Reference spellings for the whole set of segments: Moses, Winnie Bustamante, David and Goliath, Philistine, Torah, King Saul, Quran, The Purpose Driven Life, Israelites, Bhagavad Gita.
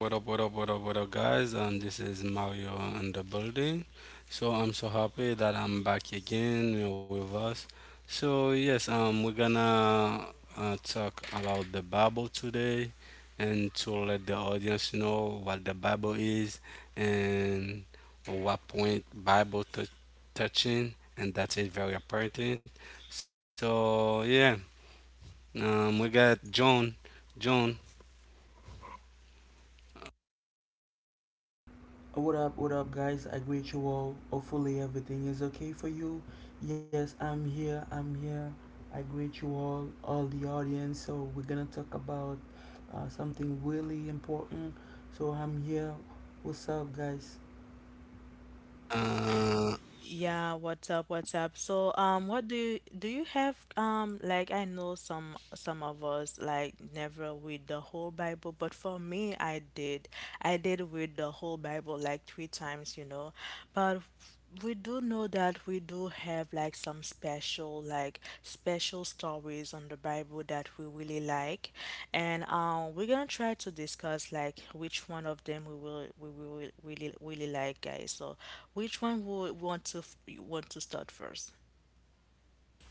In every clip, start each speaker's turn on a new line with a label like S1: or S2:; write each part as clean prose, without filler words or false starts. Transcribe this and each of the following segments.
S1: What up, what up, what up, what up, guys? And this is Mario in the building. So I'm so happy that I'm back again with us. So yes, we're gonna talk about the Bible today, and to let the audience know what the Bible is and what point Bible touching, and that is very important. So yeah, we got John, John.
S2: What up, guys? I greet you all. Hopefully, everything is okay for you. Yes, I'm here, I'm here. I greet you all the audience. So, we're gonna talk about something really important. So, I'm here. What's up, guys?
S1: Uh,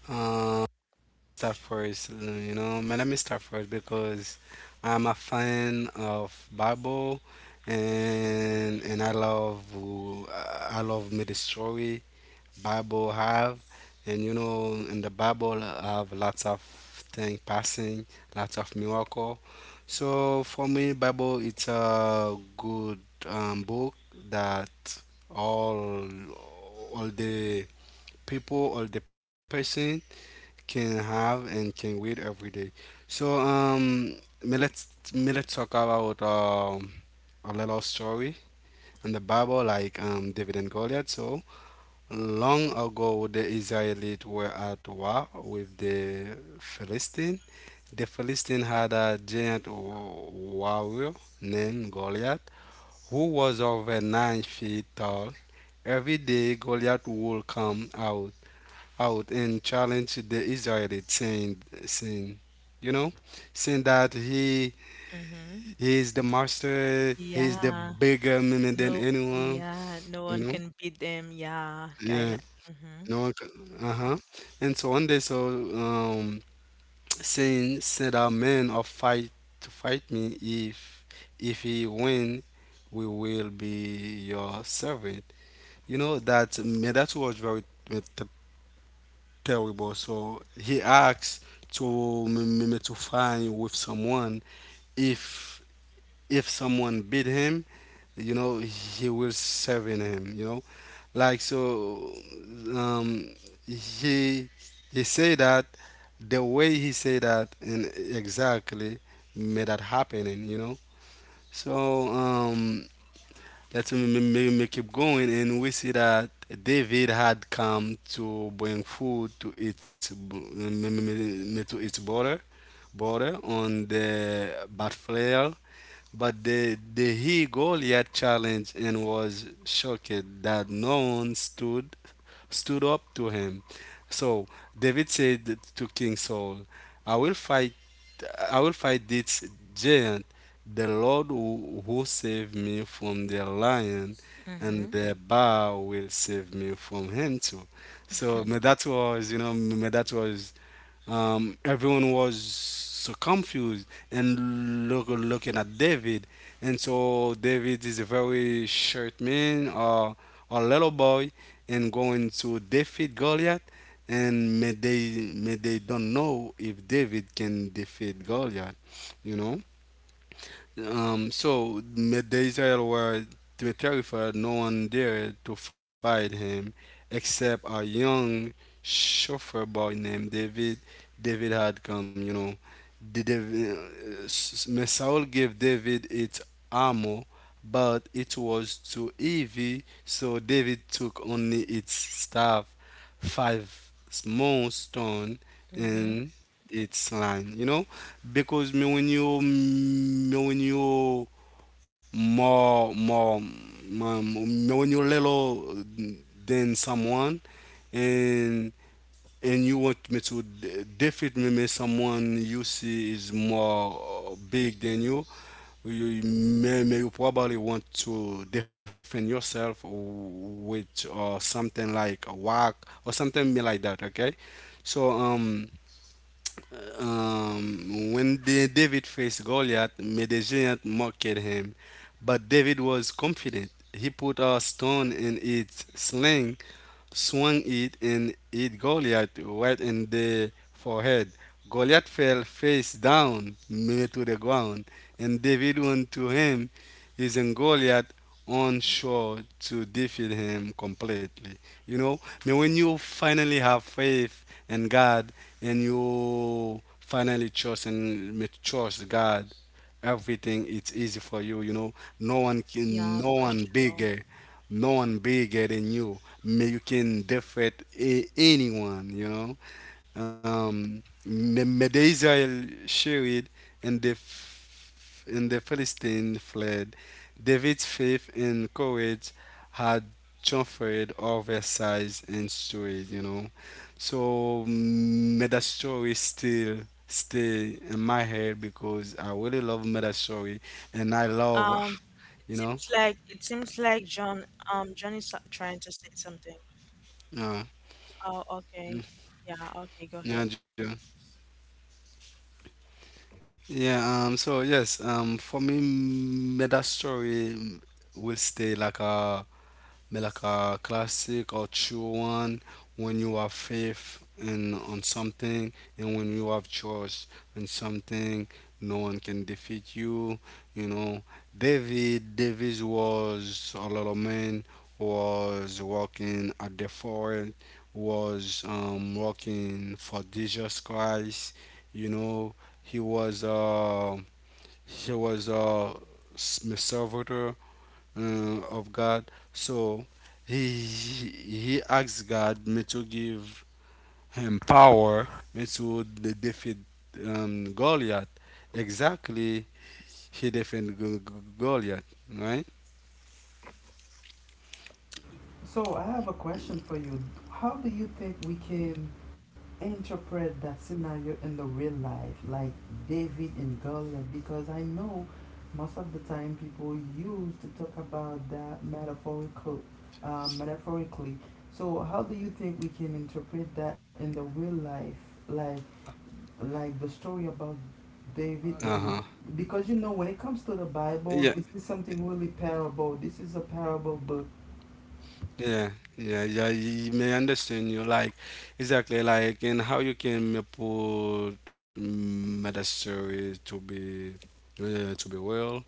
S1: uh, start first. You know, man, let me start first because I'm a fan of Bible, and I love I love me the story Bible have, and you know, in the Bible I have lots of thing passing, lots of miracle. So for me, Bible it's a good book that all all the people, all the person can have and can wear every day. So me let's me let's talk about a little story in the Bible, like David and Goliath. So long ago, the Israelites were at war with the Philistine. The Philistine had a giant warrior named Goliath, who was over 9 feet tall. Every day, Goliath would come out and challenged the Israelites, you know, saying that he is the master, he is the bigger man than anyone, you know, yeah, no, uh-huh. And so one day, so said our men of fight to fight me if he win, we will be your servant. You know that man, that was very terrible. So he asks to find with someone if if someone beat him, he will serve in him. Like so um he he say that the way he say that and exactly made that happening. So that we may keep going, and we see that David had come to bring food to to its border on the battlefield, but the he Goliath challenged and was shocked that no one stood up to him. So David said to King Saul, "I will fight I will fight this giant. The Lord who saved me from the lion, and the bar will save me from him too." So may that was, you know, may that was everyone was so confused and looking at David. And so David is a very short man or a little boy and going to defeat Goliath. And may they don't know if David can defeat Goliath, you know? So the Israel were terrified, no one dared to fight him except a young chauffeur boy named David. David had come, you know. The David, Saul gave David its armor, but it was too heavy, so David took only its staff, five small stones, and its line, because me when you more more me when you little than someone, and you want me to defeat me, me someone you see is more big than you. You may you probably want to defend yourself with something like a whack or something like that. Okay, so David faced Goliath, Medellin mocked him, but David was confident. He put a stone in its sling swung it and hit Goliath right in the forehead. Goliath fell face down near to the ground, and David went to him, using Goliath on shore to defeat him completely. You know, I mean, when you finally have faith in God and you finally trust God, everything it's easy for you you know No one can, no one bigger than you, may you can defeat anyone. May the Israel share it, and the and the Philistines fled. David's faith and courage had transferred over size and story. So meta story still stay in my head because I really love meta story and I love, you know, uh, mm, yeah, Joe. Yeah, so yes, for me, meta story will stay like a classic or true one. When you have faith in on something and when you have trust in something, no one can defeat you. You know, David Davis was a little man, was working at the forest, was working for Jesus Christ. You know, he was uh, he was a servitor of God. So he asks God me to give him power me to defeat Goliath. Exactly, he defeated Goliath, right?
S2: So I have a question for you. How do you think we can interpret that scenario in the real life, like David and Goliath? Because I know most of the time people use to talk about that metaphorically. So how do you think we can interpret that in the real life, like like the story about David
S1: Uh
S2: and
S1: huh.
S2: because you know when it comes to the Bible,
S1: Yeah,
S2: this is something really parable. This is a parable book.
S1: yeah, yeah, yeah. You may understand you like exactly like and how you can put meta stories to be well.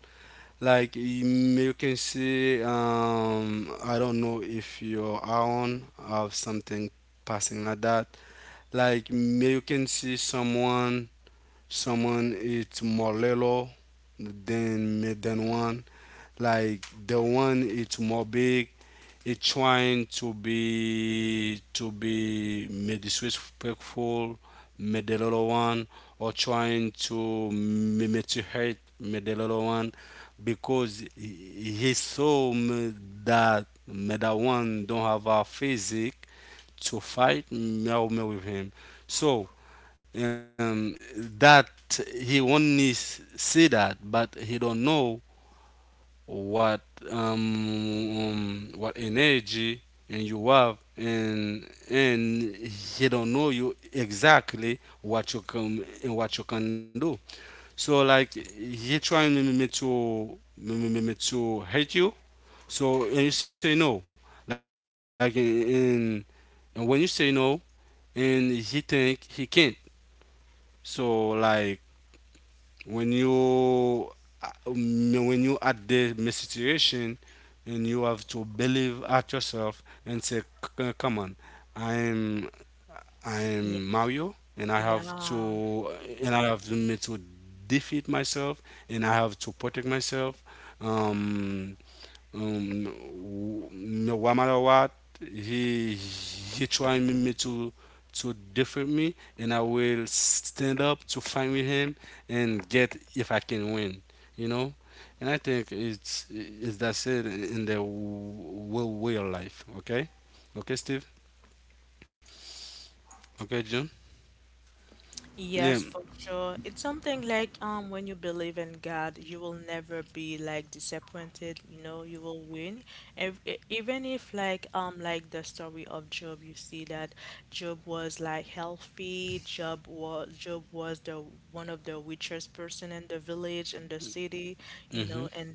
S1: Like you can see, I don't know if your own have something passing like that. Like you can see someone it's more little than one. Like the one it's more big, it's trying to be disrespectful, made the little one, or trying to to hurt made the little one, because he saw me that one don't have a physique to fight me me with him. So um, that he only see that, but he don't know what what energy and you have, and he don't know you exactly what you can and what you can do. So like he trying me to hate you, so and you say no, like in and when you say no, and he think he can't. So like when you at the my situation, and you have to believe at yourself and say, come on, i am I am mario, and I have to, and I have to me to defeat myself, and I have to protect myself, um no matter what he trying me me to defeat me, and I will stand up to fight with him and get if I can win you know and I think it's that's it in the real life. Okay, okay, Steve. Okay, John. Yeah. Mm-hmm.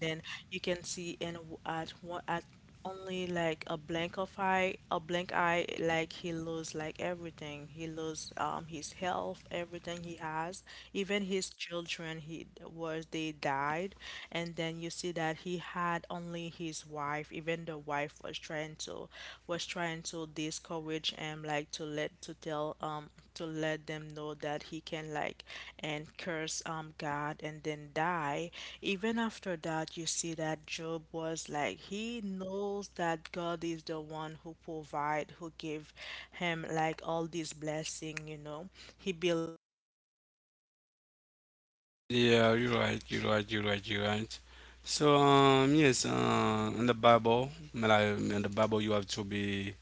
S1: Yeah, you're right, you're right, you're right, you're right. So, yes, in the Bible, you have to be,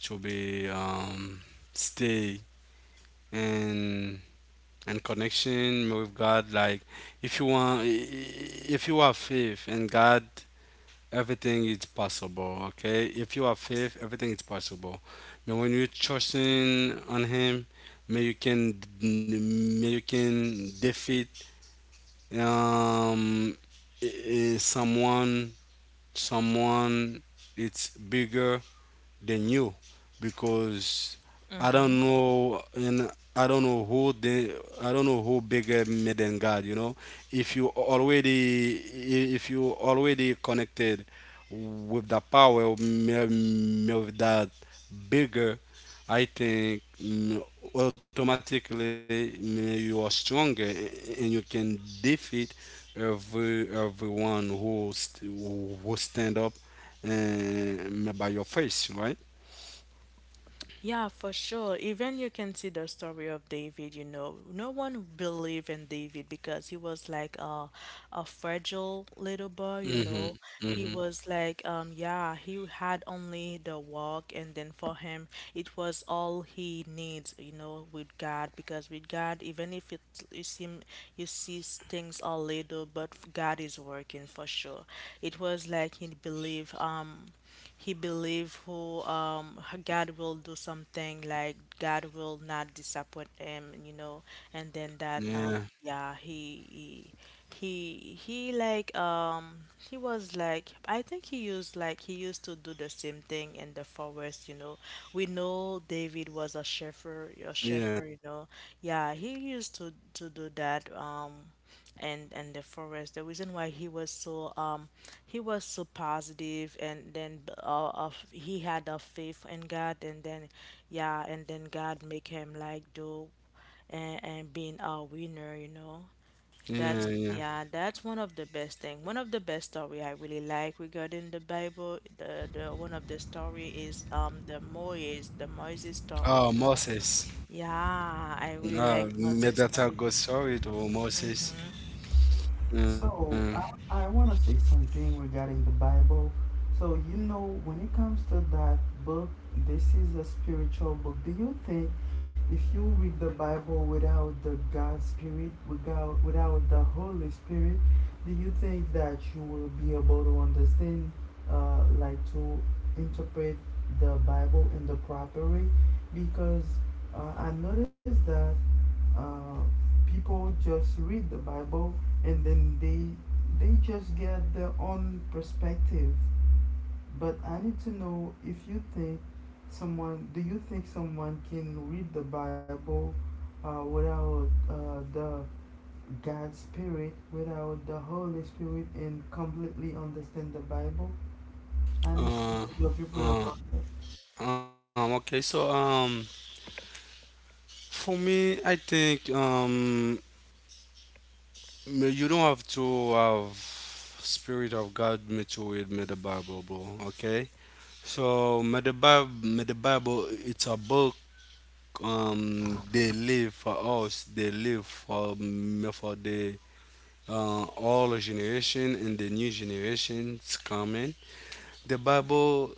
S1: to be um, stay in connection with God. Like if you have faith in God, everything is possible. Okay, if you have faith, everything is possible. But when you trusting on Him, may you can defeat um, i- i- someone someone it's bigger than you. Because I don't know, and I don't know who the I don't know who bigger me than God. If you already connected with the power me- me with that bigger, I think automatically you are stronger and you can defeat everyone who stand up and by your face, right? Mm-hmm. Mm-hmm. Yeah. Yeah. Yeah. Yeah. Oh, Moses. No, may that I go sorry to Moses. Um,
S2: So I want to say something regarding the Bible. So you know, when it comes to that book, this is a spiritual book. Do you think if you read the Bible without the God Spirit, without the Holy Spirit, do you think that you will be able to understand, like to interpret the Bible in the proper way? Because I noticed that uh, people just read the Bible and then they just get their own perspective, but I need to know if you think someone do you think someone can read the Bible without the God's Spirit, without the Holy Spirit, and completely understand the Bible. I need to know your
S1: uh,
S2: viewpoint about
S1: uh, okay, so for me, I think you don't have to have Spirit of God me to read me the Bible, bro. Okay, so me the Bible, it's a book. They live for us. They live for me for the all generation and the new generations coming. The Bible,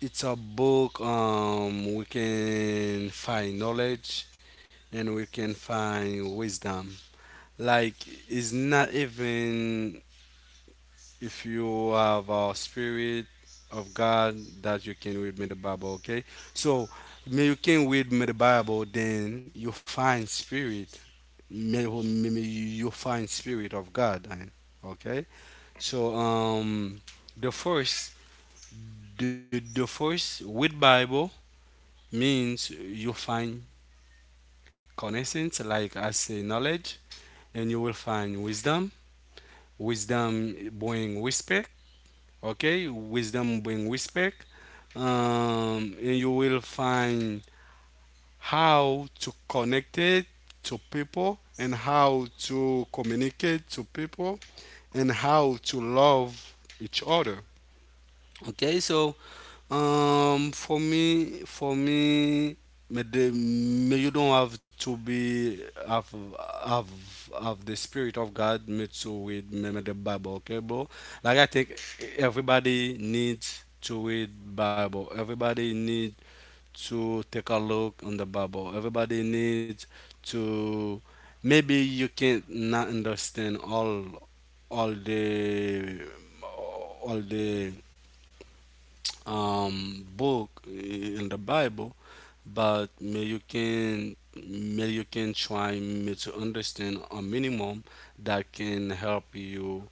S1: it's a book we can find knowledge and we can find wisdom. Like it's not even if you have a spirit of God that you can read me the Bible. Okay, so may you can read me the Bible, then you find spirit. May you find spirit of God. Okay. So the first the first with Bible means you find connaissance, like I say, knowledge, and you will find wisdom. Wisdom bring respect. Okay, wisdom bring respect. And you will find how to connect it to people and how to communicate to people and how to love each other. Okay, so for me, may may you don't have to be, have have have the spirit of God made to read may the Bible, okay, bro? Like I think everybody needs to read Bible. Everybody needs to take a look on the Bible. Everybody needs to, maybe you can't not understand all the all the book in the Bible, but may you can try me to understand a minimum that can help you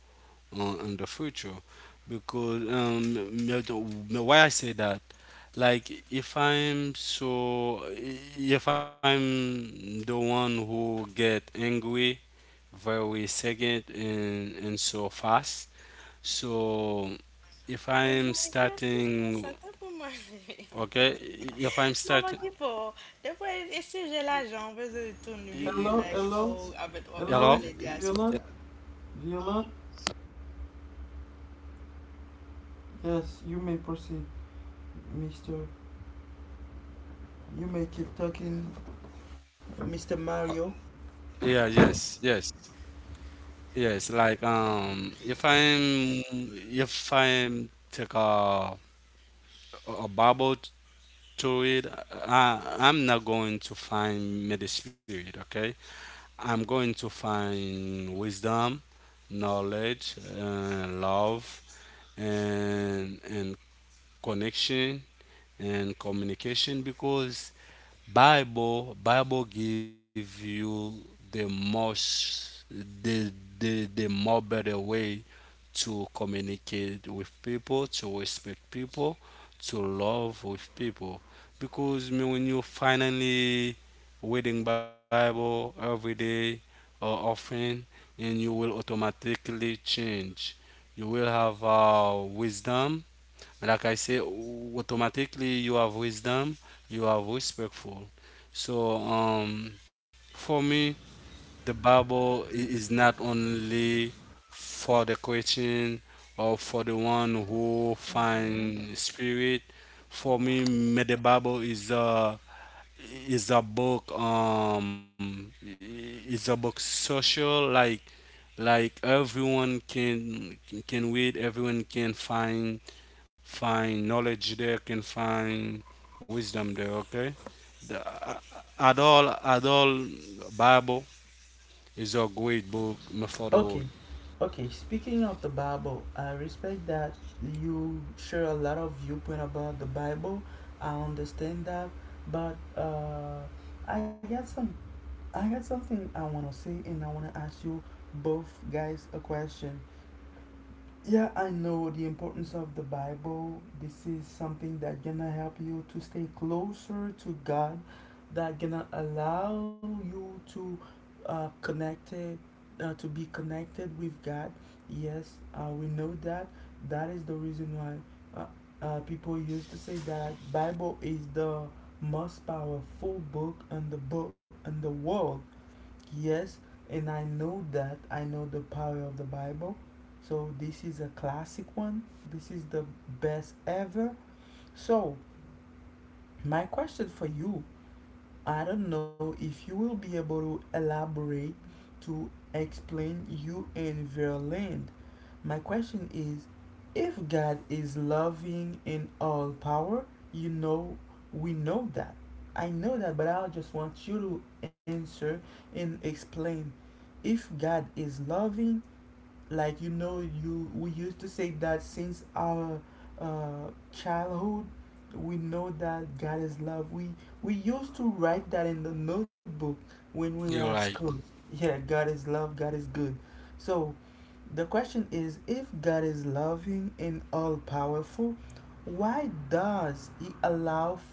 S1: on in the future, because me- why I say that, like if I'm, so if I'm the one who get angry very second, and so fast. So if I'm starting, okay, if I'm starting,
S2: that. Hello, hello, hello?
S1: hello?
S2: Violent, violent, yes, you may proceed. Mr., you may keep talking. Mr.
S1: Uh,
S2: Mario.
S1: Yeah, yes, yes, yes. Like, if I'm take a Bible to it, I'm not going to find middle spirit. Okay, I'm going to find wisdom, knowledge, and love, and connection and communication because Bible give you the most the more better way to communicate with people, to respect people, to love with people. Because me when you finally reading Bible every day or often and you will automatically change. You will have wisdom like I say, automatically you have wisdom, you are respectful. So for me, the Bible is not only for the Christian or for the one who find spirit. For me, the Bible is about it's about social, like everyone can read, everyone can find knowledge there, can find wisdom there. Okay, at all, Bible is a great book for the
S2: Okay,
S1: world.
S2: okay. Speaking of the Bible, I respect that you share a lot of viewpoint about the Bible. I understand that, but I got some, I got something I wanna say, and I wanna ask you both guys a question. Yeah, I know the importance of the Bible. This is something that gonna help you to stay closer to God, that gonna allow you to connected, to be connected with God. Yes, we know that. That is the reason why uh, people used to say that Bible is the most powerful book in the world. Yes, and I know that I know the power of the Bible. So this is a classic one. This is the best ever. So, my question for you, I don't know if you will be able to elaborate to explain you and Verland. My question is, if God is loving in all power, you know, we know that. I know that, but I just want you to answer and explain. If God is loving, like, you know, you we used to say that since our childhood. We know that God is love. We used to write that in the notebook when we were at
S1: You're
S2: school.
S1: right.
S2: Yeah, God is love, God is good. So the question is, if God is loving and all powerful, why does he allow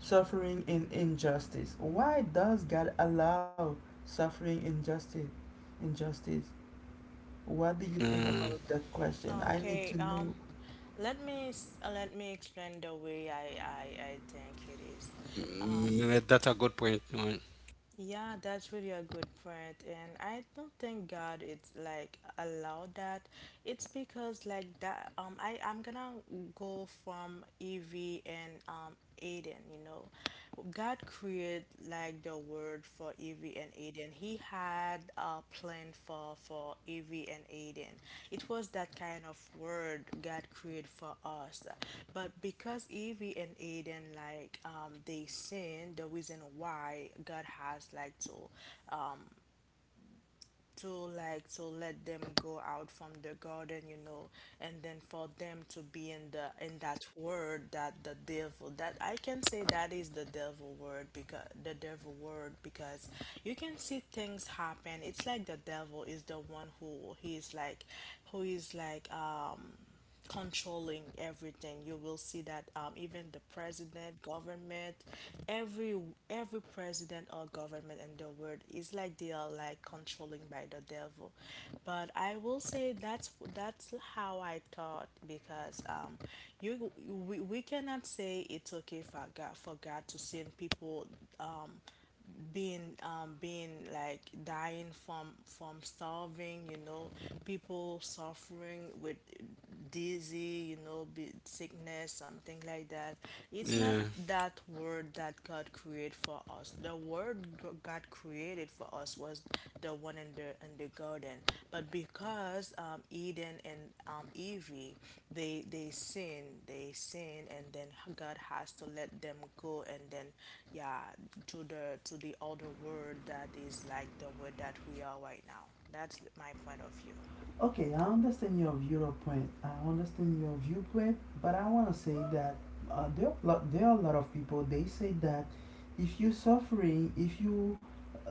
S2: suffering and injustice? Why does God allow suffering, injustice, injustice? What do you think
S1: Mm,
S2: about that question? I need to know.
S1: that's a good point, right? Yeah,
S2: Okay, I understand your viewpoint. I understand your viewpoint, but I want to say that there, are lot, there are a lot of people. They say that if you suffering, if you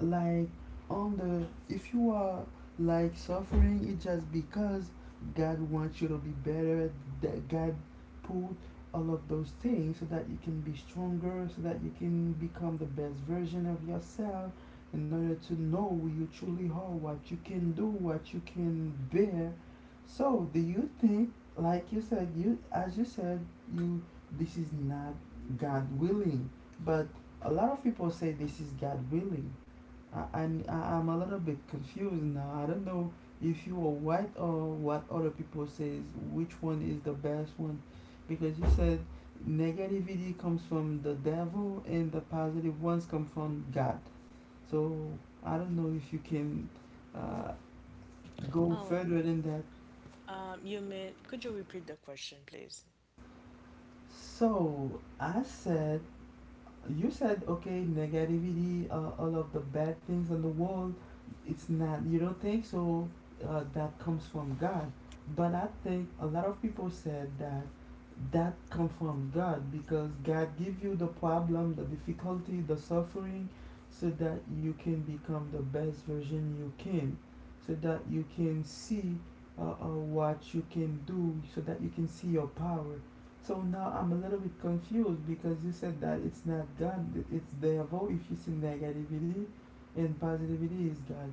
S2: like on the, if you are like suffering, it's just because God wants you to be better. That God put all of those things so that you can be stronger, so that you can become the best version of yourself, in order to know who you truly are, what you can do, what you can bear. So, do you think, like you said, you as you said, you this is not God willing, but a lot of people say this is God willing. I, I'm a little bit confused now. I don't know if you are right or what other people says. Which one is the best one? Because you said negativity comes from the devil and the positive ones come from God. So I don't know if you can uh, go further than that. So I said, you said, okay, negativity, all of the bad things in the world, it's not, you don't think so, that comes from God. But I think a lot of people said that that come from God because God give you the problem, the difficulty, the suffering, so that you can become the best version you can, so that you can see what you can do, so that you can see your power. So now I'm a little bit confused because you said that it's not God, it's devil if you see negativity, and positivity is God.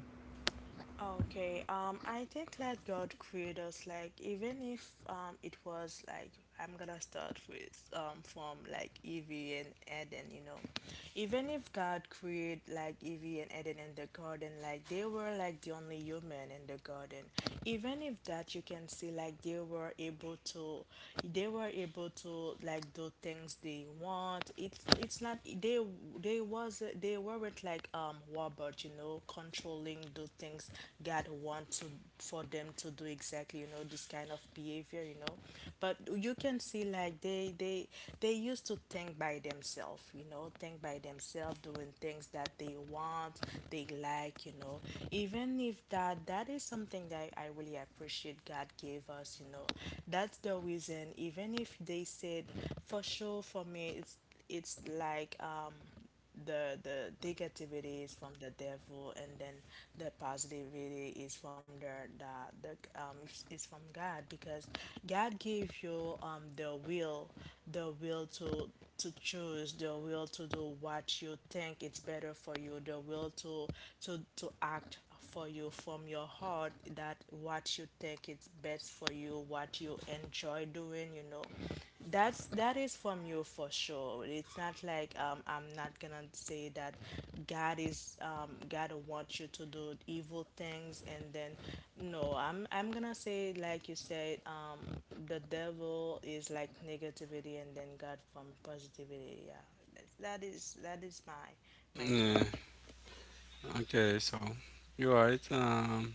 S1: yeah. Okay, so you're right.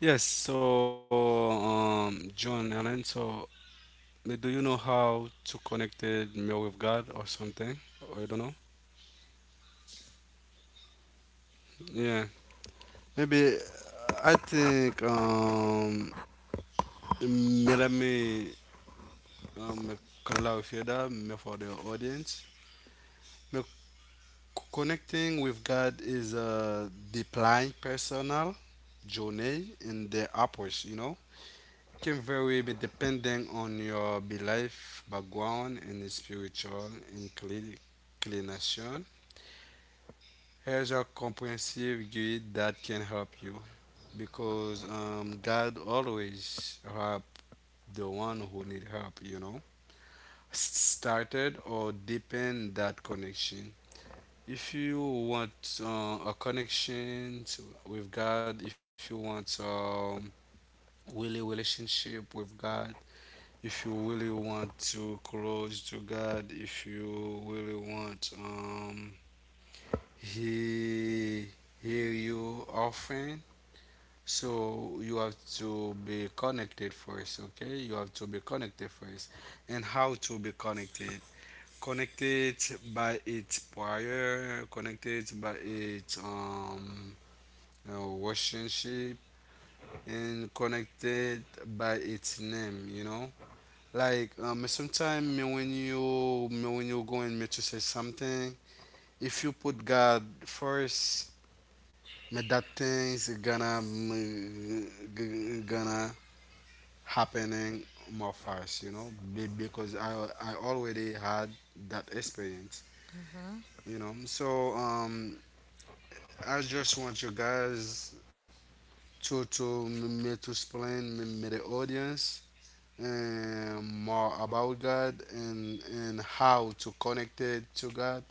S1: Yes, so, John Allen, so, do you know how to connect it mail with God or something? Or you don't know? Yeah, maybe. I think, me, let me, um, clarify that, me, for the audience. Me connecting with God is a deeply personal journey in the approach, you know. Can vary but depending on your belief, background and spiritual inclin- inclination. Here's a comprehensive guide that can help you because God always help the one who need help, you know. Started or deepen that connection. If you want a connection with God, if you want really relationship with God, if you really want to close to God, if you really want he hear you often, so you have to be connected first, okay? You have to be connected first. And how to be connected? Connected by its prayer, connected by its relationship, and connected by its name, you know? Like, sometimes when you going me to say something, if you put God first, me that things gonna g- gonna happening more fast, you know. Because I already had that experience, you know. So I just want you guys to me me to explain me, me the audience, and more about God, and how to connect it to God,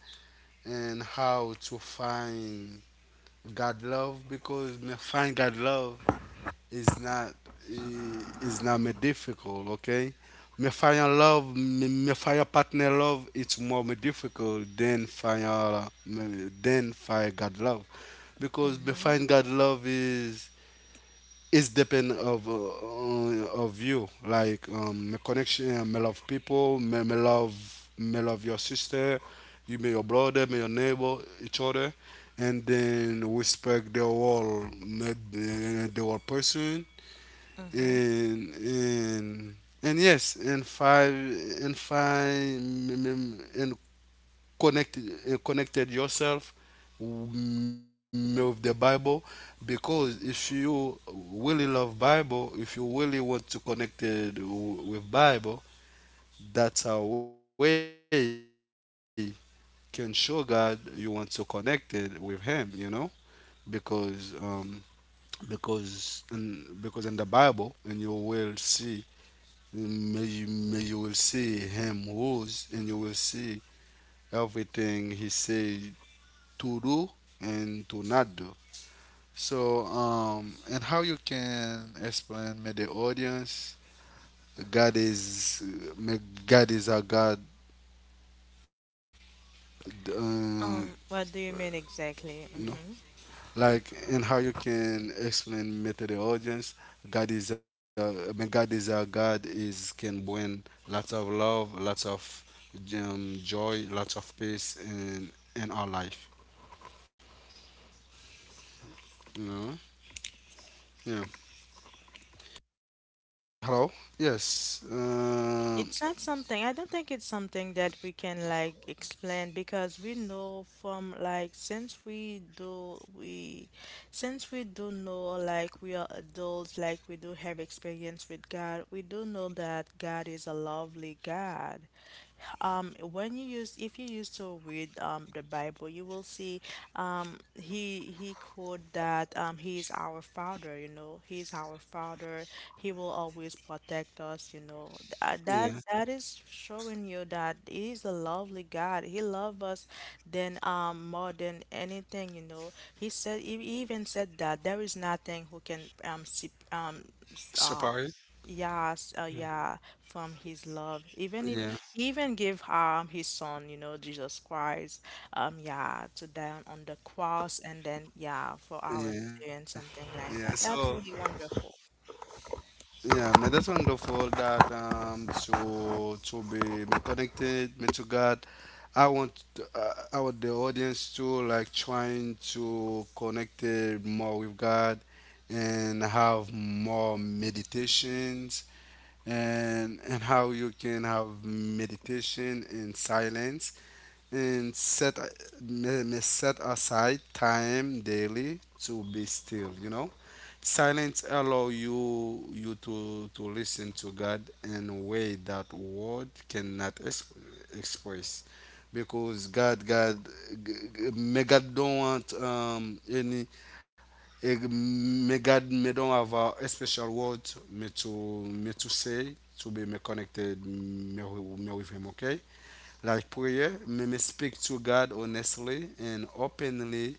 S1: and how to find God love, because me find God love is not is not me difficult. Okay, me find your love, me, me find your partner love, it's more me difficult than find your me, than find God love, because me find God love is it's depend of you, like my connection, me love people, me, me love, me love your sister, you may your brother, may your neighbor, each other, and then respect the whole, the whole person, and and and yes, and five and five, and connected yourself, with the Bible, because if you really love Bible, if you really want to connected with Bible, that's a way can show God you want to connected with Him. You know, because because in the Bible, and you will see, may you will see Him rules, and you will see everything He say to do and to not do. So, and how you can explain may the audience, God is may God is a God, uh, you know, like, and how you can explain may to the audience, God is a may God is a God is can bring lots of love, lots of joy, lots of peace in our life. You know. Yeah. Hello. Yes. Yeah. Separate? Yeah, yeah, yeah. So, yeah, man, that's wonderful that to be me connected me to God. I want I want the audience to like trying to connect it more with God, and have more meditations, and how you can have meditation in silence, and set aside time daily to be still, you know. Silence allow you to listen to God in a way that word cannot express, because me God don't want any, me God me don't have a special word me to say, to be me connected me, me with Him. Okay, like prayer, may me speak to God honestly and openly.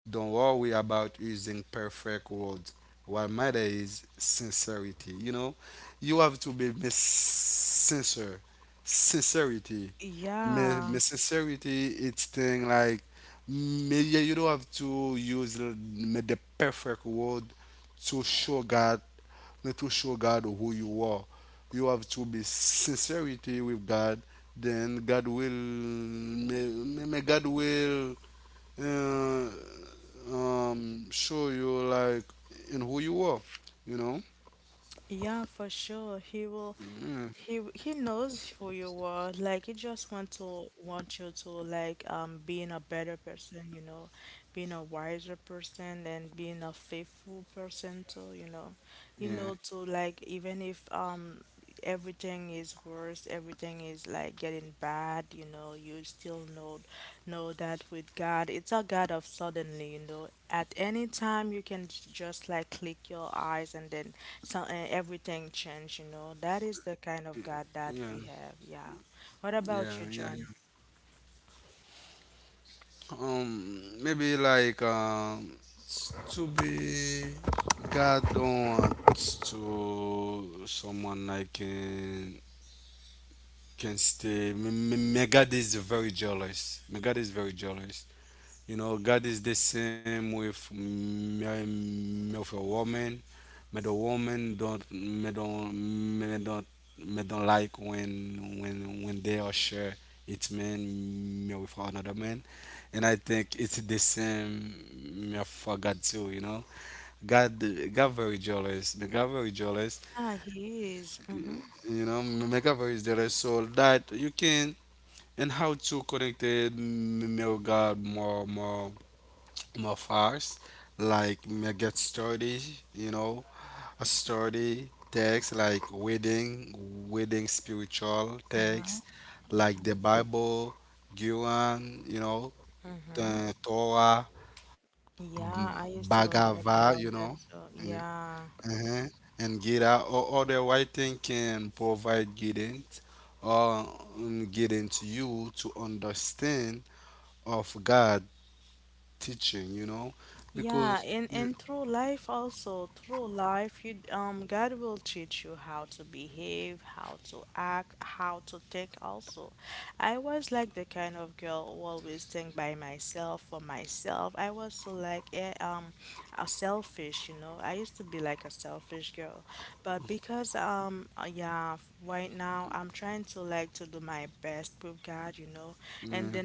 S1: Don't worry about using perfect words. What matters is sincerity. You know, you have to be sincere. Sincerity. May, sincerity, it's thing like, may, yeah, you don't have to use the perfect word to show God, and to show God who you are. You have to be sincerity with God. Then God will, may God will, uh, show you, like, in who you are. You know. Yeah. Yeah. Yeah. Yeah. Yeah. You. Maybe like. To be, God don't want to someone like in, can stay. My God is very jealous. My God is very jealous. You know, God is the same with me, with a woman. Me the woman don't me don't me don't like when they are share it's man me with another man, and I think it's the same me for God too. You know, God God very jealous. Me God very jealous. You know, me God very jealous. So that you can, and how to connected me regard more fast, like me get started, you know, a study text, like wedding spiritual text, like the Bible, Quran, you know, the Torah, M- Bhagavad, you know. Yeah. Uh-huh. And Gita, or other writing, can provide or guidance to you to understand of God teaching, you know. Because yeah, yeah,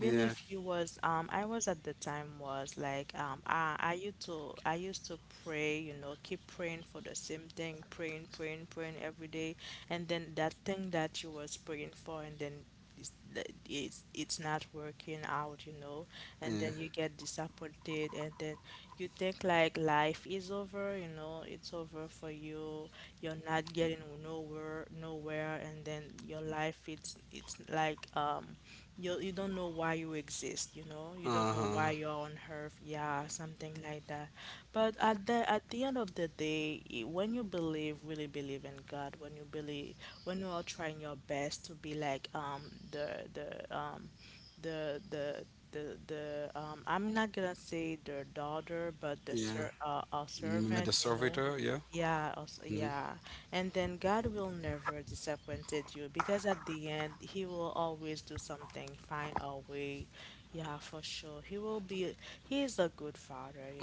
S1: yeah, yeah, uh-huh, yeah. Mm, the servitor, yeah, mhm.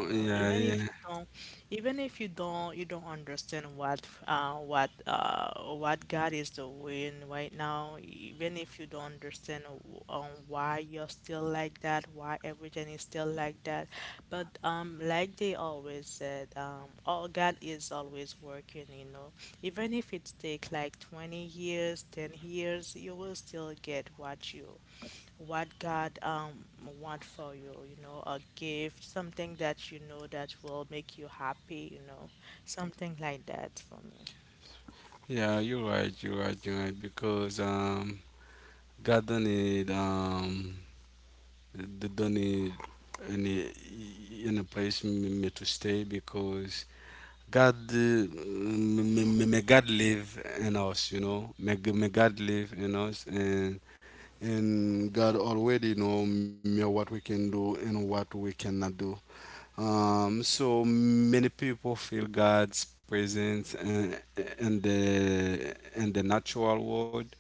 S1: Yeah, yeah, yeah. You're right, you're right, you're right. Because God don't need don't need any any place me, to stay, because God, may God live in us, you know, may God live in us, and God already know what we can do and what we cannot do. So many people feel God's presence in the natural world,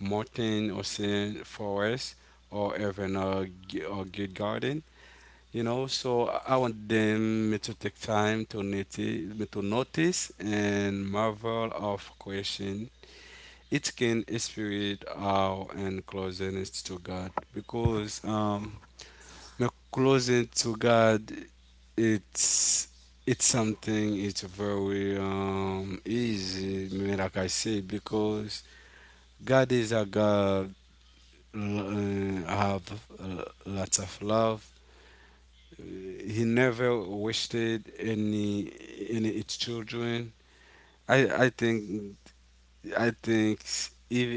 S1: mountain, ocean, forest, or even a good garden. You know, so I want them to take time to notice, and marvel of creation. It can spirit our and closeness to God, because my closeness to God, it's it's something, it's very easy me like I say, because God is a God, have lots of love. He never wasted any its children. I I think I think if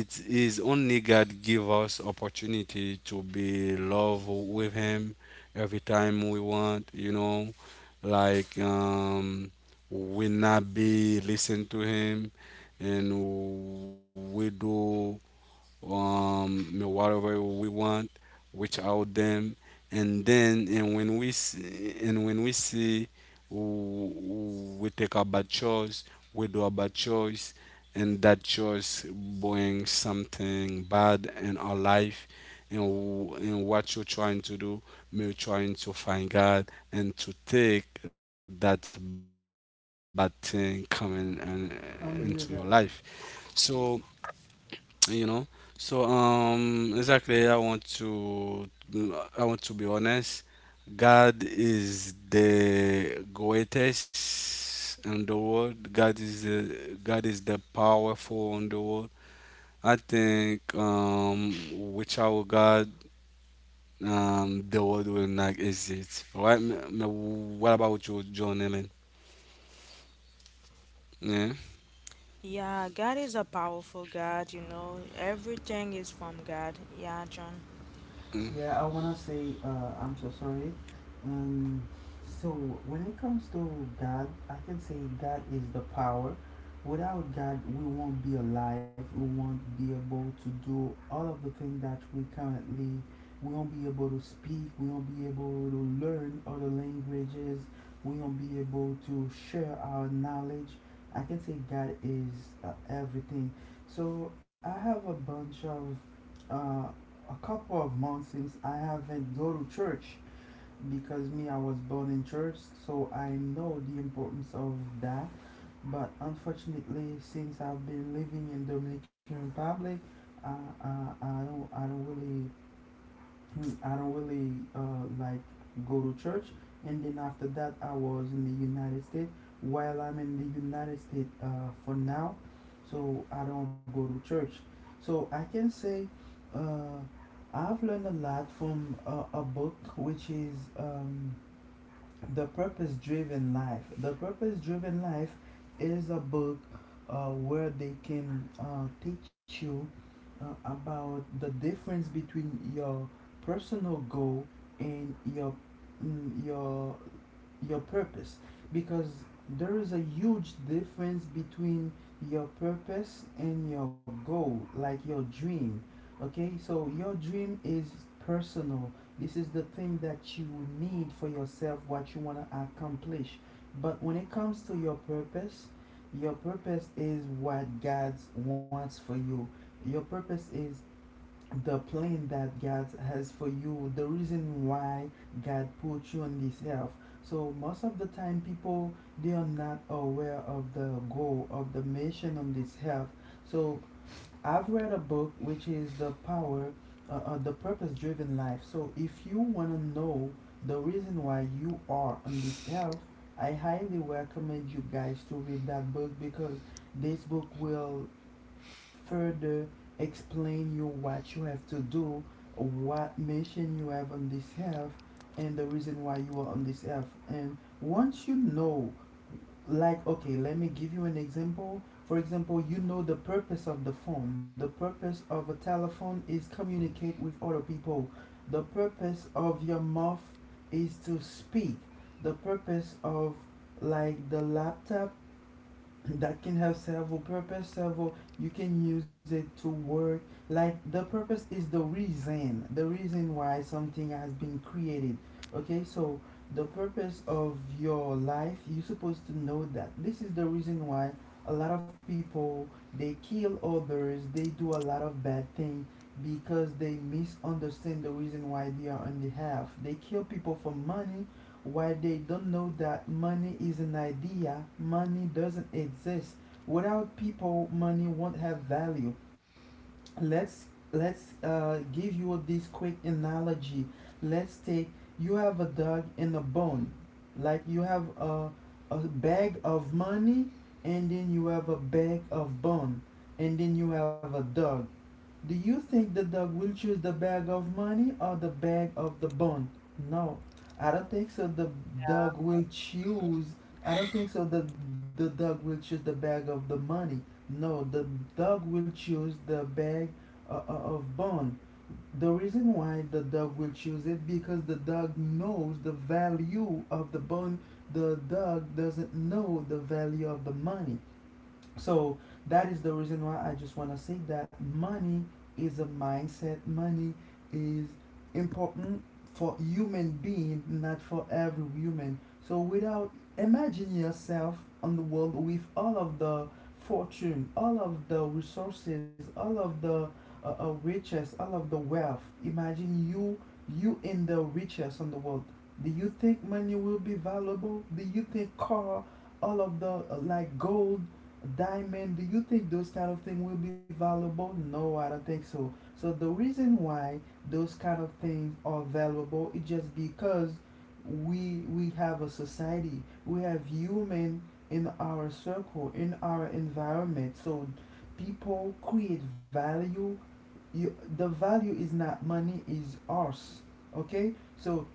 S1: it is only God give us opportunity to be love with Him every time we want, you know, like, we not be listen to Him, and we do whatever we want, reach out them. And then and when we see, and when we see we take a bad choice, we do a bad choice, and that choice brings something bad in our life, and what you're trying to do, you're trying to find God and to take that bad thing coming and, into your life.
S2: I'm here, guys.
S1: So you know exactly, I want to be honest. God is the greatest in the world. God is the powerful in the world. I think, without God, the world will not exist, right? What about you, John Ellen? Yeah. Mm.
S2: Yeah, I wanna say I'm so sorry. Um, so when it comes to God, I can say God is the power. Without God, we won't be alive. We won't be able to do all of the things that we currently. We won't be able to speak. We won't be able to learn other languages. We won't be able to share our knowledge. I can say God is everything. So I have a bunch of uh, a couple of months since I haven't go to church, because me I was born in church, so I know the importance of that. But unfortunately, since I've been living in Dominican Republic, I, I, I don't really I don't really like go to church. And then after that, I was in the United States. While I'm in the United States for now, so I don't go to church. So I can say uh, I've learned a lot from a book, which is the Purpose Driven Life. The Purpose Driven Life is a book where they can teach you about the difference between your personal goal and your mm, your your purpose, because there is a huge difference between your purpose and your goal, like your dream. Okay, so your dream is personal. This is the thing that you need for yourself, what you want to accomplish. But when it comes to your purpose is what God wants for you. Your purpose is the plan that God has for you, the reason why God put you on this earth. So most of the time people, they are not aware of the goal of the mission on this earth. So I've read a book which is the power the Purpose Driven Life. So if you want to know the reason why you are on this earth, I highly recommend you guys to read that book because this book will further explain you what you have to do, what mission you have on this earth, and the reason why you are on this earth. And once you know, like, okay, let me give you an example. For example, you know the purpose of the phone. The purpose of a telephone is communicate with other people. The purpose of your mouth is to speak. The purpose of like the laptop, that can have several purpose, several, you can use it to work. Like the purpose is the reason, the reason why something has been created. Okay, so the purpose of your life, you're supposed to know that. This is the reason why a lot of people, they kill others, they do a lot of bad things, because they misunderstand the reason why they are on the half. They kill people for money, why they don't know that money is an idea, money doesn't exist. Without people, money won't have value. let's let's give you this quick analogy. Let's take, you have a dog and a bone, like you have a bag of money, and then you have a bag of bone, and then you have a dog. Do you think the dog will choose the bag of money or the bag of the bone? No, I don't think so. The dog will choose I don't think so. The dog will choose the bag of the money. No, the dog will choose the bag of bone. The reason why the dog will choose it, because the dog knows the value of the bone. The dog doesn't know the value of the money. So that is the reason why I just want to say that money is a mindset. Money is important for human being, not for every human. So without, imagine yourself on the world with all of the fortune, all of the resources, all of the riches, all of the wealth. Imagine you, you in the richest on the world. Do you think money will be valuable? Do you think car, all of the like gold, diamond, do you think those kind of things will be valuable? No, I don't think so. So the reason why those kind of things are valuable is just because we have a society, we have human in our circle, in our environment. So people create value. You, the value is not money, is ours. Okay, so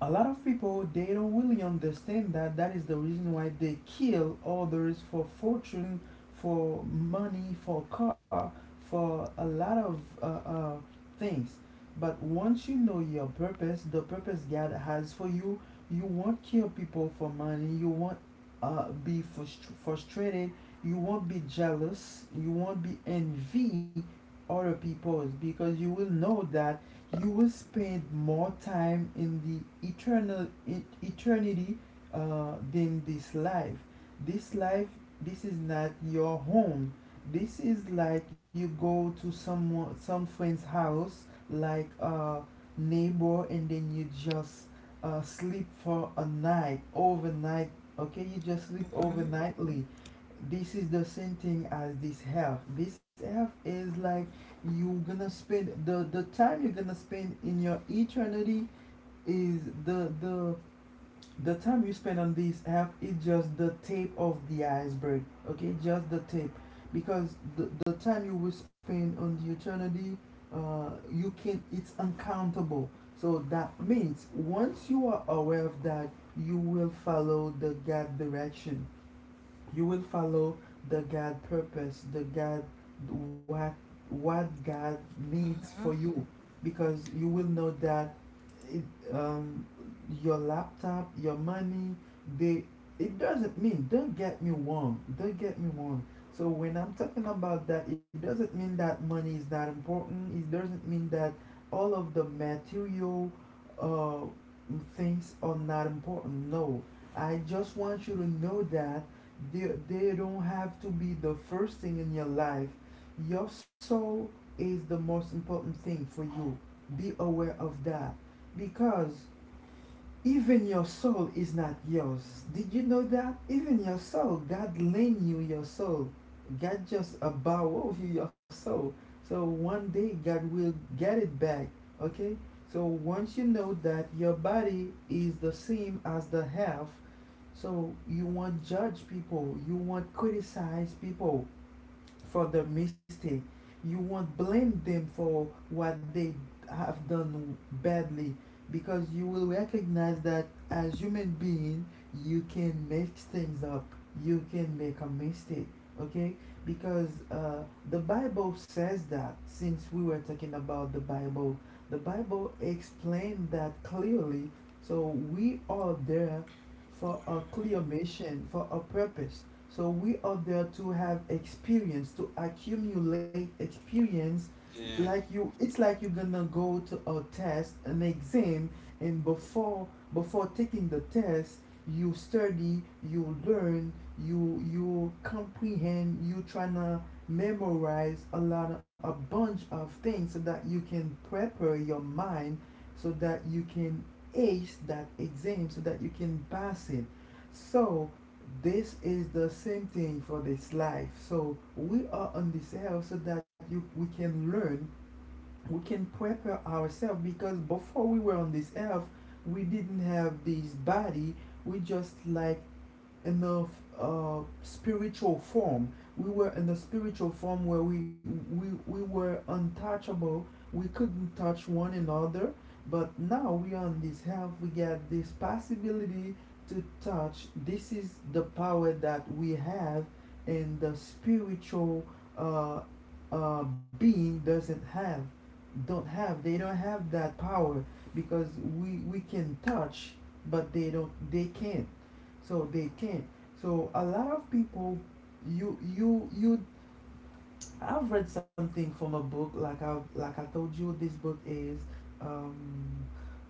S2: a lot of people they don't really understand that that is the reason why they kill others for fortune, for money, for car, for a lot of things. But once you know your purpose, the purpose God has for you, you won't kill people for money, you won't be frustrated, you won't be jealous, you won't be envy other people's, because you will know that you will spend more time in the eternity than this life. This life, this is not your home. This is like you go to someone, some friend's house, like a neighbor, and then you just sleep for a night overnight. Okay, you just sleep
S3: Mhm,
S2: overnightly. This is the same thing as this health. This health is like you gonna spend the time you're gonna spend in your eternity is the the time you spend on this app is just the tip of the iceberg. Okay, just the tip. Because the time you will spend on the eternity, you can, it's uncountable. So that means once you are aware of that, you will follow the God direction, you will follow the God purpose, the God, what what God needs for
S3: mhm.
S2: you, because you will know that it, um, your laptop, your money, they, it doesn't mean, don't get me wrong, don't get me wrong. So when I'm talking about that, it doesn't mean that money is not important. It doesn't mean that all of the material uh, things are not important. No, I just want you to know that they don't have to be the first thing in your life. Your soul is the most important thing for you. Be aware of that. Because even your soul is not yours. Did you know that? Even your soul, God lent you your soul. God just borrowed you your soul. So one day God will get it back. Okay? So once you know that your body is the same as the half, so you want judge people, you want criticize people, for the mistake. You won't blame them for what they have done badly, because you will recognize that as human being you can make things up, you can make a mistake. Okay. Because the Bible says that, since we were talking about the Bible, the Bible explained that clearly. So we are there for a clear mission, for a purpose. So we are there to have experience, to accumulate experience.
S1: Yeah,
S2: Like you, it's like you're gonna go to a test, an exam, and before taking the test, you study, you learn, you comprehend, you tryna memorize a bunch of things so that you can prepare your mind, so that you can ace that exam, so that you can pass it. So this is the same thing for this life. So we are on this earth so that you we can learn, we can prepare ourselves, because before we were on this earth we didn't have this body. We just like, in the spiritual form. We were in the spiritual form where we were untouchable. We couldn't touch one another. But now we are on this health. We got this possibility to touch. This is the power that we have, and the spiritual uh, being doesn't have, don't have. They don't have that power because we can touch, but they don't. They can't. So they can, so a lot of people, you I've read something from a book, like I, like I told you, this book is um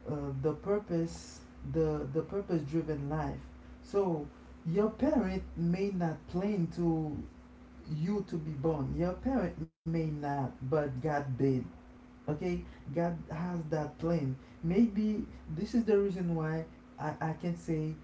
S2: uh, the purpose, the Purpose Driven Life. So your parent may not plan to you to be born, your parent may not, but God did. Okay, God has that plan. Maybe this is the reason why I can say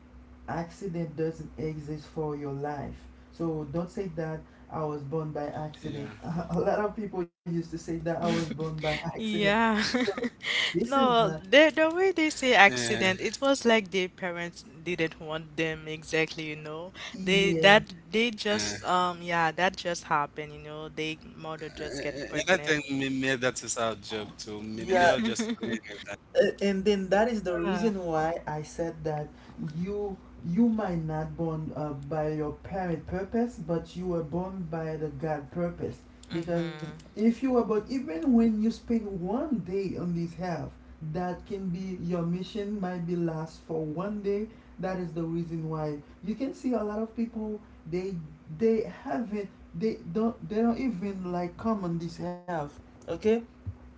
S2: accident doesn't exist for your life. So don't say that I
S1: yeah.
S2: was born by accident. A lot of people used to say that I was born by accident.
S3: Yeah.
S2: So this is
S3: No,
S2: not,
S3: the way
S1: Yeah.
S3: they say accident, it was like their parents didn't want them exactly, you know. They
S2: yeah,
S3: that
S1: Yeah.
S3: they just yeah, that just happened, you know. They mother just
S1: And
S3: get
S1: I think, me,
S3: pregnant.
S1: me that is our job too. Me, they are
S2: yeah.
S1: just playing with
S2: And then that is the
S3: Yeah.
S2: reason why I said that you you might not born by your parent purpose, but you were born by the God purpose. Because
S3: Mm-hmm.
S2: if you were born, even when you spend one day on this earth, that can be your mission might be last for one day. That is the reason why you can see a lot of people, they they haven't, they don't even like come on this earth. Okay,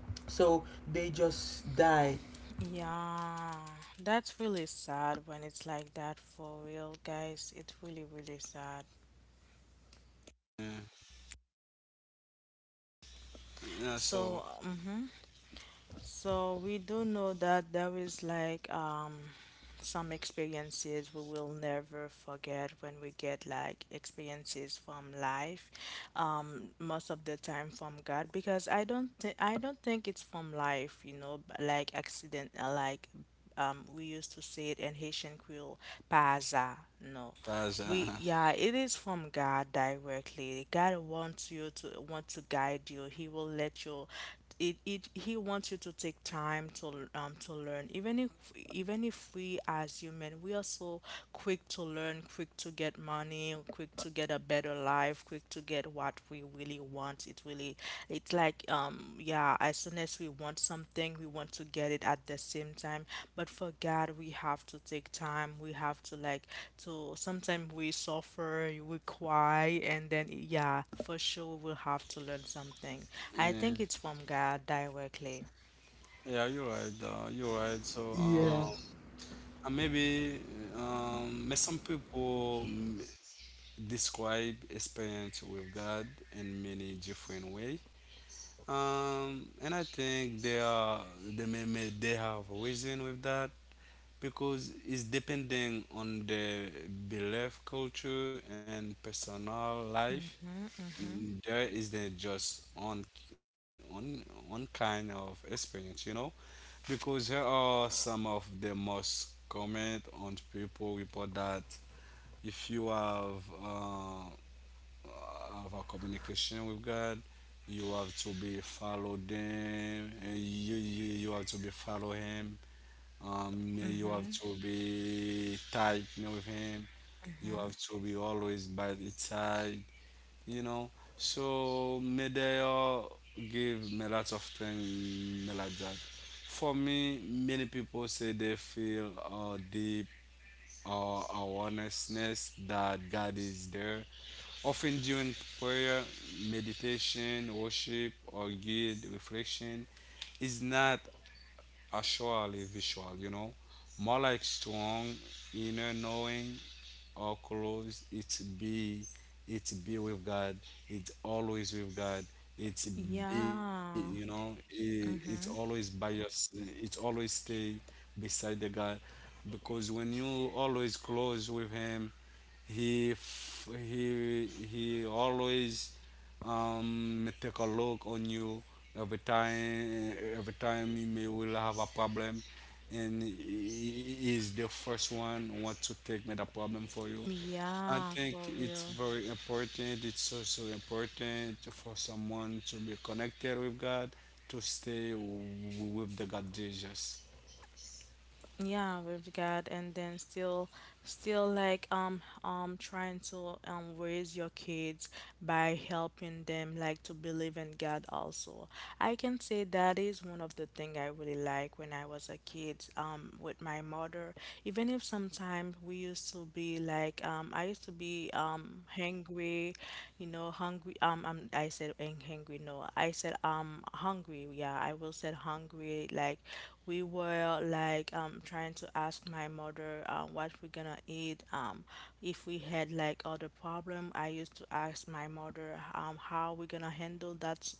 S2: so they just die.
S3: Yeah. That's really sad when it's like that for real, guys. It's really, really sad.
S1: that. Yeah, so
S3: So, mm-hmm. So we do know that there is like some experiences we will never forget when we get like experiences from life most of the time from God because I don't think it's from life, you know, like accident, like, we used to say it in Haitian Creole, paza no.
S1: that's
S3: We, yeah, it is from God directly. God wants you to want to guide you. He will let you. It, he wants you to take time to learn. Even if we as human we are so quick to learn, quick to get money, quick to get a better life, quick to get what we really want. It really, it's like, yeah, as soon as we want something, we want to get it at the same time. But for God, we have to take time. We have to like, to sometimes we suffer, we cry, and then yeah, for sure we'll have to learn something. I think
S1: yeah,
S3: it's from God directly.
S1: yeah, you're right. You're right. So,
S2: Yeah,
S1: and maybe, may some people, describe experience with God in many different way. And I think they may they have reason with that, because it's depending on the belief, culture, and personal life. There is the just one one kind of experience, you know, because here are some of the most comment on people report that if you have a communication with God, you have to be follow them, and you have to be follow Him. You have
S3: Mm-hmm.
S1: to be tight with Him. You
S3: Mm-hmm.
S1: have to be always by the side, you know. So Medea give me lots of things me like that. For me, many people say they feel deep, uh, awarenessness that God is there. Often during prayer, meditation, worship, or guild reflection, is not are surely visual, you know, more like strong inner knowing or close. It's be with God. It's always with God. It's be, you know,
S3: Yeah.
S1: it's always
S3: Mm-hmm.
S1: by it's always stay beside the God, because when you always close with Him, he f- he always, may take a look on you. Every time you may will have a problem, and He is the first one want to take me the problem for you. I
S3: Yeah,
S1: think
S3: for
S1: it's
S3: real.
S1: very important. It's also important for someone to be connected with God, to stay with the God Jesus.
S3: Yeah, with God, and then still, still like trying to raise your kids by helping them like to believe in God also. I can say that is one of the thing I really like when I was a kid with my mother. Even if sometimes we used to be like I used to be hungry, you know, hungry, I said hungry, no I said hungry, yeah I will said hungry, like we were well, like trying to ask my mother, what we're gonna eat, if we had like other problem I used to ask my mother how we're gonna handle that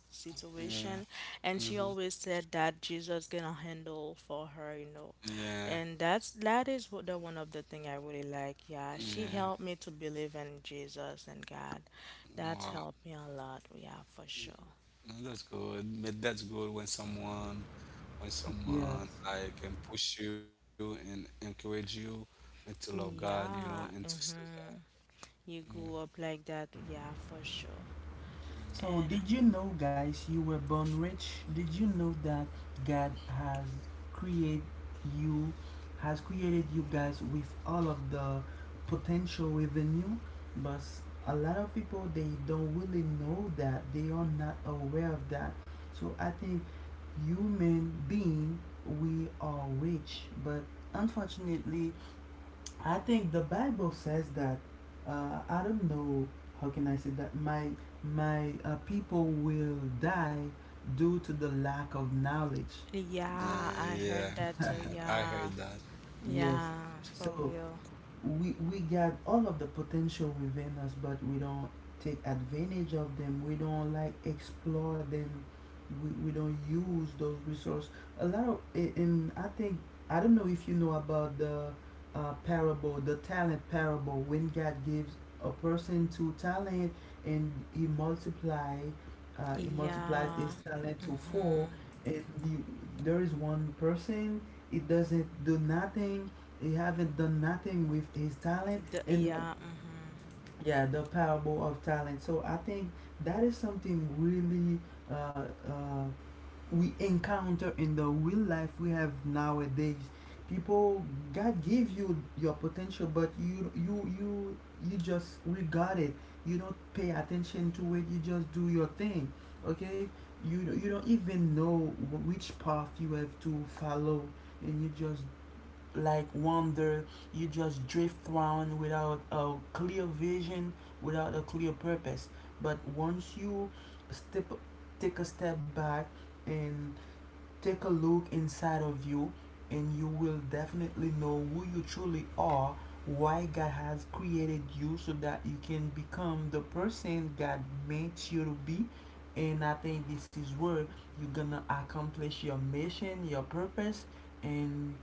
S1: Yeah.
S3: situation, and she
S1: Hmm.
S3: always said that Jesus gonna handle for her, you know.
S1: Yeah.
S3: And that's that is what the one of the thing I really like. Yeah, she
S1: Yeah.
S3: helped me to believe in Jesus and God. That's
S1: Wow.
S3: helped me a lot, yeah, for sure.
S1: That's good. But that's good when someone when
S2: yes.
S1: someone like can push you and encourage you, and to love God, you know, and to
S3: Yeah,
S1: serve God.
S3: mm-hmm. You grew up like that, yeah, for sure.
S1: Mm-hmm.
S2: So,
S3: And
S2: did you know, guys, you were born rich? Did you know that God created you, has created you guys with all of the potential within you? But a lot of people they don't really know that. They are not aware of that. So, I think human being we are rich, but unfortunately, I think the Bible says that, I don't know how can I say that, my people will die due to the lack of knowledge.
S3: yeah,
S1: Yeah,
S3: I
S1: yeah,
S3: heard that too.
S1: yeah. I
S3: Yeah,
S1: heard that. Yeah.
S2: Yes.
S3: yeah, for
S2: So
S3: real.
S2: we got all of the potential within us, but we don't take advantage of them, we don't like explore them, we don't use those resources. A lot of, I- in I think, I don't know if you know about the parable, the talent parable, when God gives a person two talent and he multiply, he multiplied his
S3: Yeah,
S2: talent to four.
S3: mhm.
S2: It, you, there is one person. It doesn't do nothing. He haven't done nothing with his talent,
S3: The,
S2: and,
S3: yeah, mhm,
S2: yeah, the parable of talent. So I think that is something really uh, uh, we encounter in the real life we have nowadays. People, God gave you your potential, but you, you just regard it, you don't pay attention to it, you just do your thing. Okay, you don't even know which path you have to follow, and you just like wander. You just drift around without a clear vision, without a clear purpose. But once you step, take a step back, and take a look inside of you, and you will definitely know who you truly are, why God has created you, so that you can become the person God meant you to be. And I think this is where you're gonna accomplish your mission, your purpose, and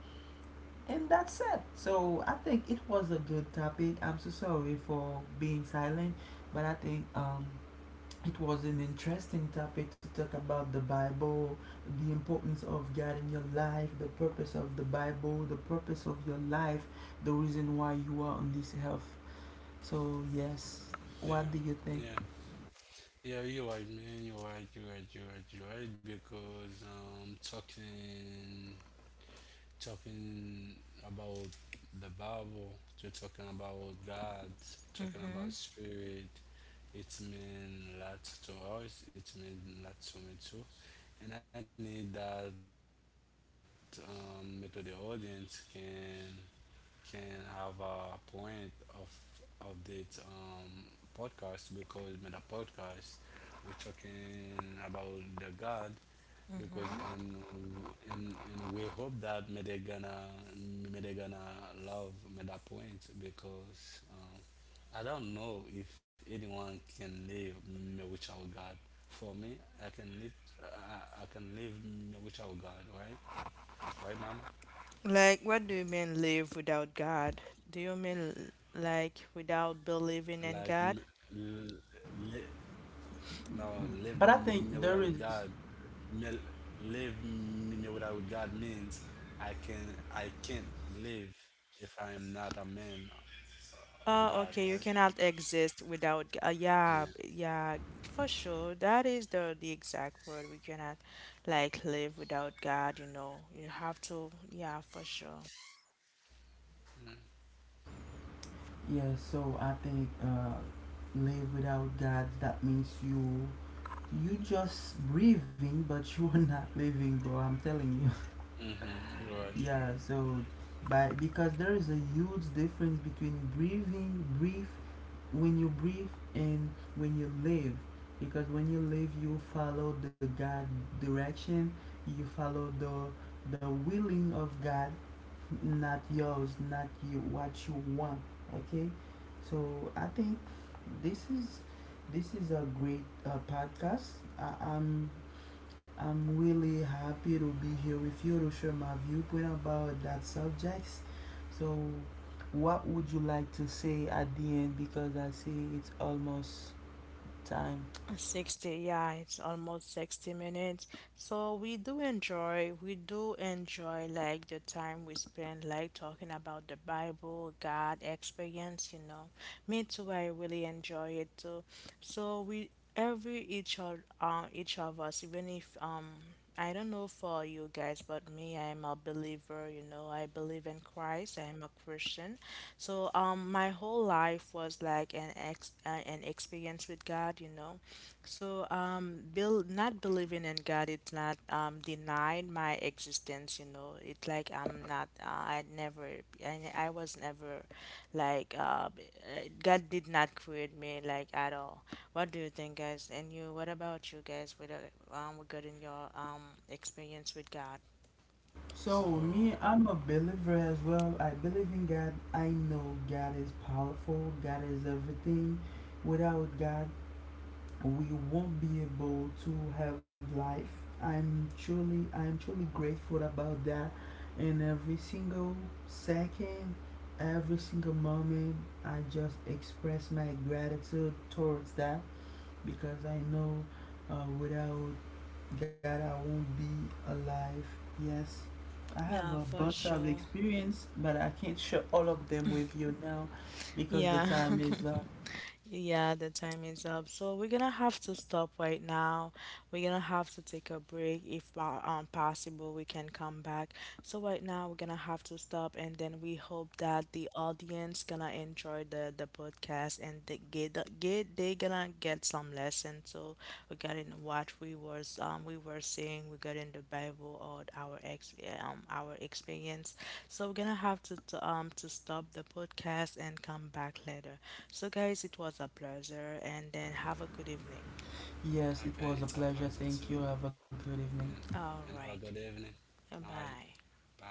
S2: and that's it. So I think it was a good topic. I'm so sorry for being silent, but I think it was an interesting topic to talk about the Bible, the importance of God in your life, the purpose of the Bible, the purpose of your life, the reason why you are on this health. So, yes,
S1: Yeah,
S2: what do you
S1: yeah,
S2: think?
S1: yeah. You're right, man. You're right. You're right. You're right. You're right. Because talking about the Bible, you're talking about God, talking about
S3: mhm,
S1: spirit. It means lot to us, it means lot to me too. And I need that, me the audience can have a point of this, podcast, because with a podcast we're talking about the God, because and,
S3: mhm.
S1: and and we hope that me they gonna love me that point, because I don't know if anyone can live me without God. For me, I can live I can live me without God, right? Right, mama?
S3: Like, what do you mean live without God? Do you mean like
S1: Like.
S3: without believing
S1: m-
S3: in God?
S1: l- No, live me without
S2: But I
S1: God.
S2: think there is,
S1: Me- Live me without God means I can't live if I am not a man of God, right?
S3: Oh, okay, you cannot exist without
S1: Yeah.
S3: yeah, yeah, for sure. That is the exact word. We cannot like live without God, you know. You have to, yeah, for sure.
S2: yeah, so I think live without God, that means you, you just breathing but you are not living, bro, I'm telling you.
S1: Mm-hmm. You're right.
S2: Yeah, so, by, because there is a huge difference between breathing, breathe, when you breathe and when you live, because when you live you follow the God direction, you follow the willing of God, not yours, not you what you want. Okay. So I think this is, this is a great podcast. I, i'm I'm really happy to be here with you to share my viewpoint about that subjects. So, what would you like to say at the end? Because I see it's almost time.
S3: 60, yeah, it's almost 60 minutes. So we do enjoy like the time we spend like talking about the Bible, God experience, you know. Me too, I really enjoy it too. So we every each of us, even if I don't know for you guys, but me, I'm a believer, you know, I believe in Christ, I'm a Christian. So my whole life was like an experience with God, you know. So, Bill, not believing in God, it's not denying my existence. You know, it's like I'm not. I never. I was never, like, God did not create me like at all. What do you think, guys? And you, what about you guys? With regarding your experience with God?
S1: So
S2: So, me, I'm a believer as well. I believe in God. I know God is powerful, God is everything. Without God, we won't be able to have life. I am truly grateful about that, and every single second, every single moment, I just express my gratitude towards that, because I know, without God I won't be alive. Yes. I have
S3: Yeah,
S2: a
S3: for
S2: bunch of
S3: sure.
S2: experience, but I can't share all of them with you now because the
S3: Yeah.
S2: time is up.
S3: Yeah, the time is up. So we're gonna have to stop right now. We're gonna have to take a break. If possible, we can come back. So right now we're gonna have to stop, and then we hope that the audience gonna enjoy the podcast and they get get they gonna get some lesson. So regarding what we was we were saying regarding the Bible or our ex our experience. So we're gonna have to, to stop the podcast and come back later. So, guys, it was a pleasure, and then have a good evening.
S2: Yes,
S1: okay,
S2: it
S1: it's a
S2: was a
S1: pleasure
S2: pleasure.
S1: too.
S2: Thank you. Have a good evening.
S1: Yeah. And have a
S3: All
S1: good
S3: right,
S1: evening. All right.
S3: bye.
S1: Bye.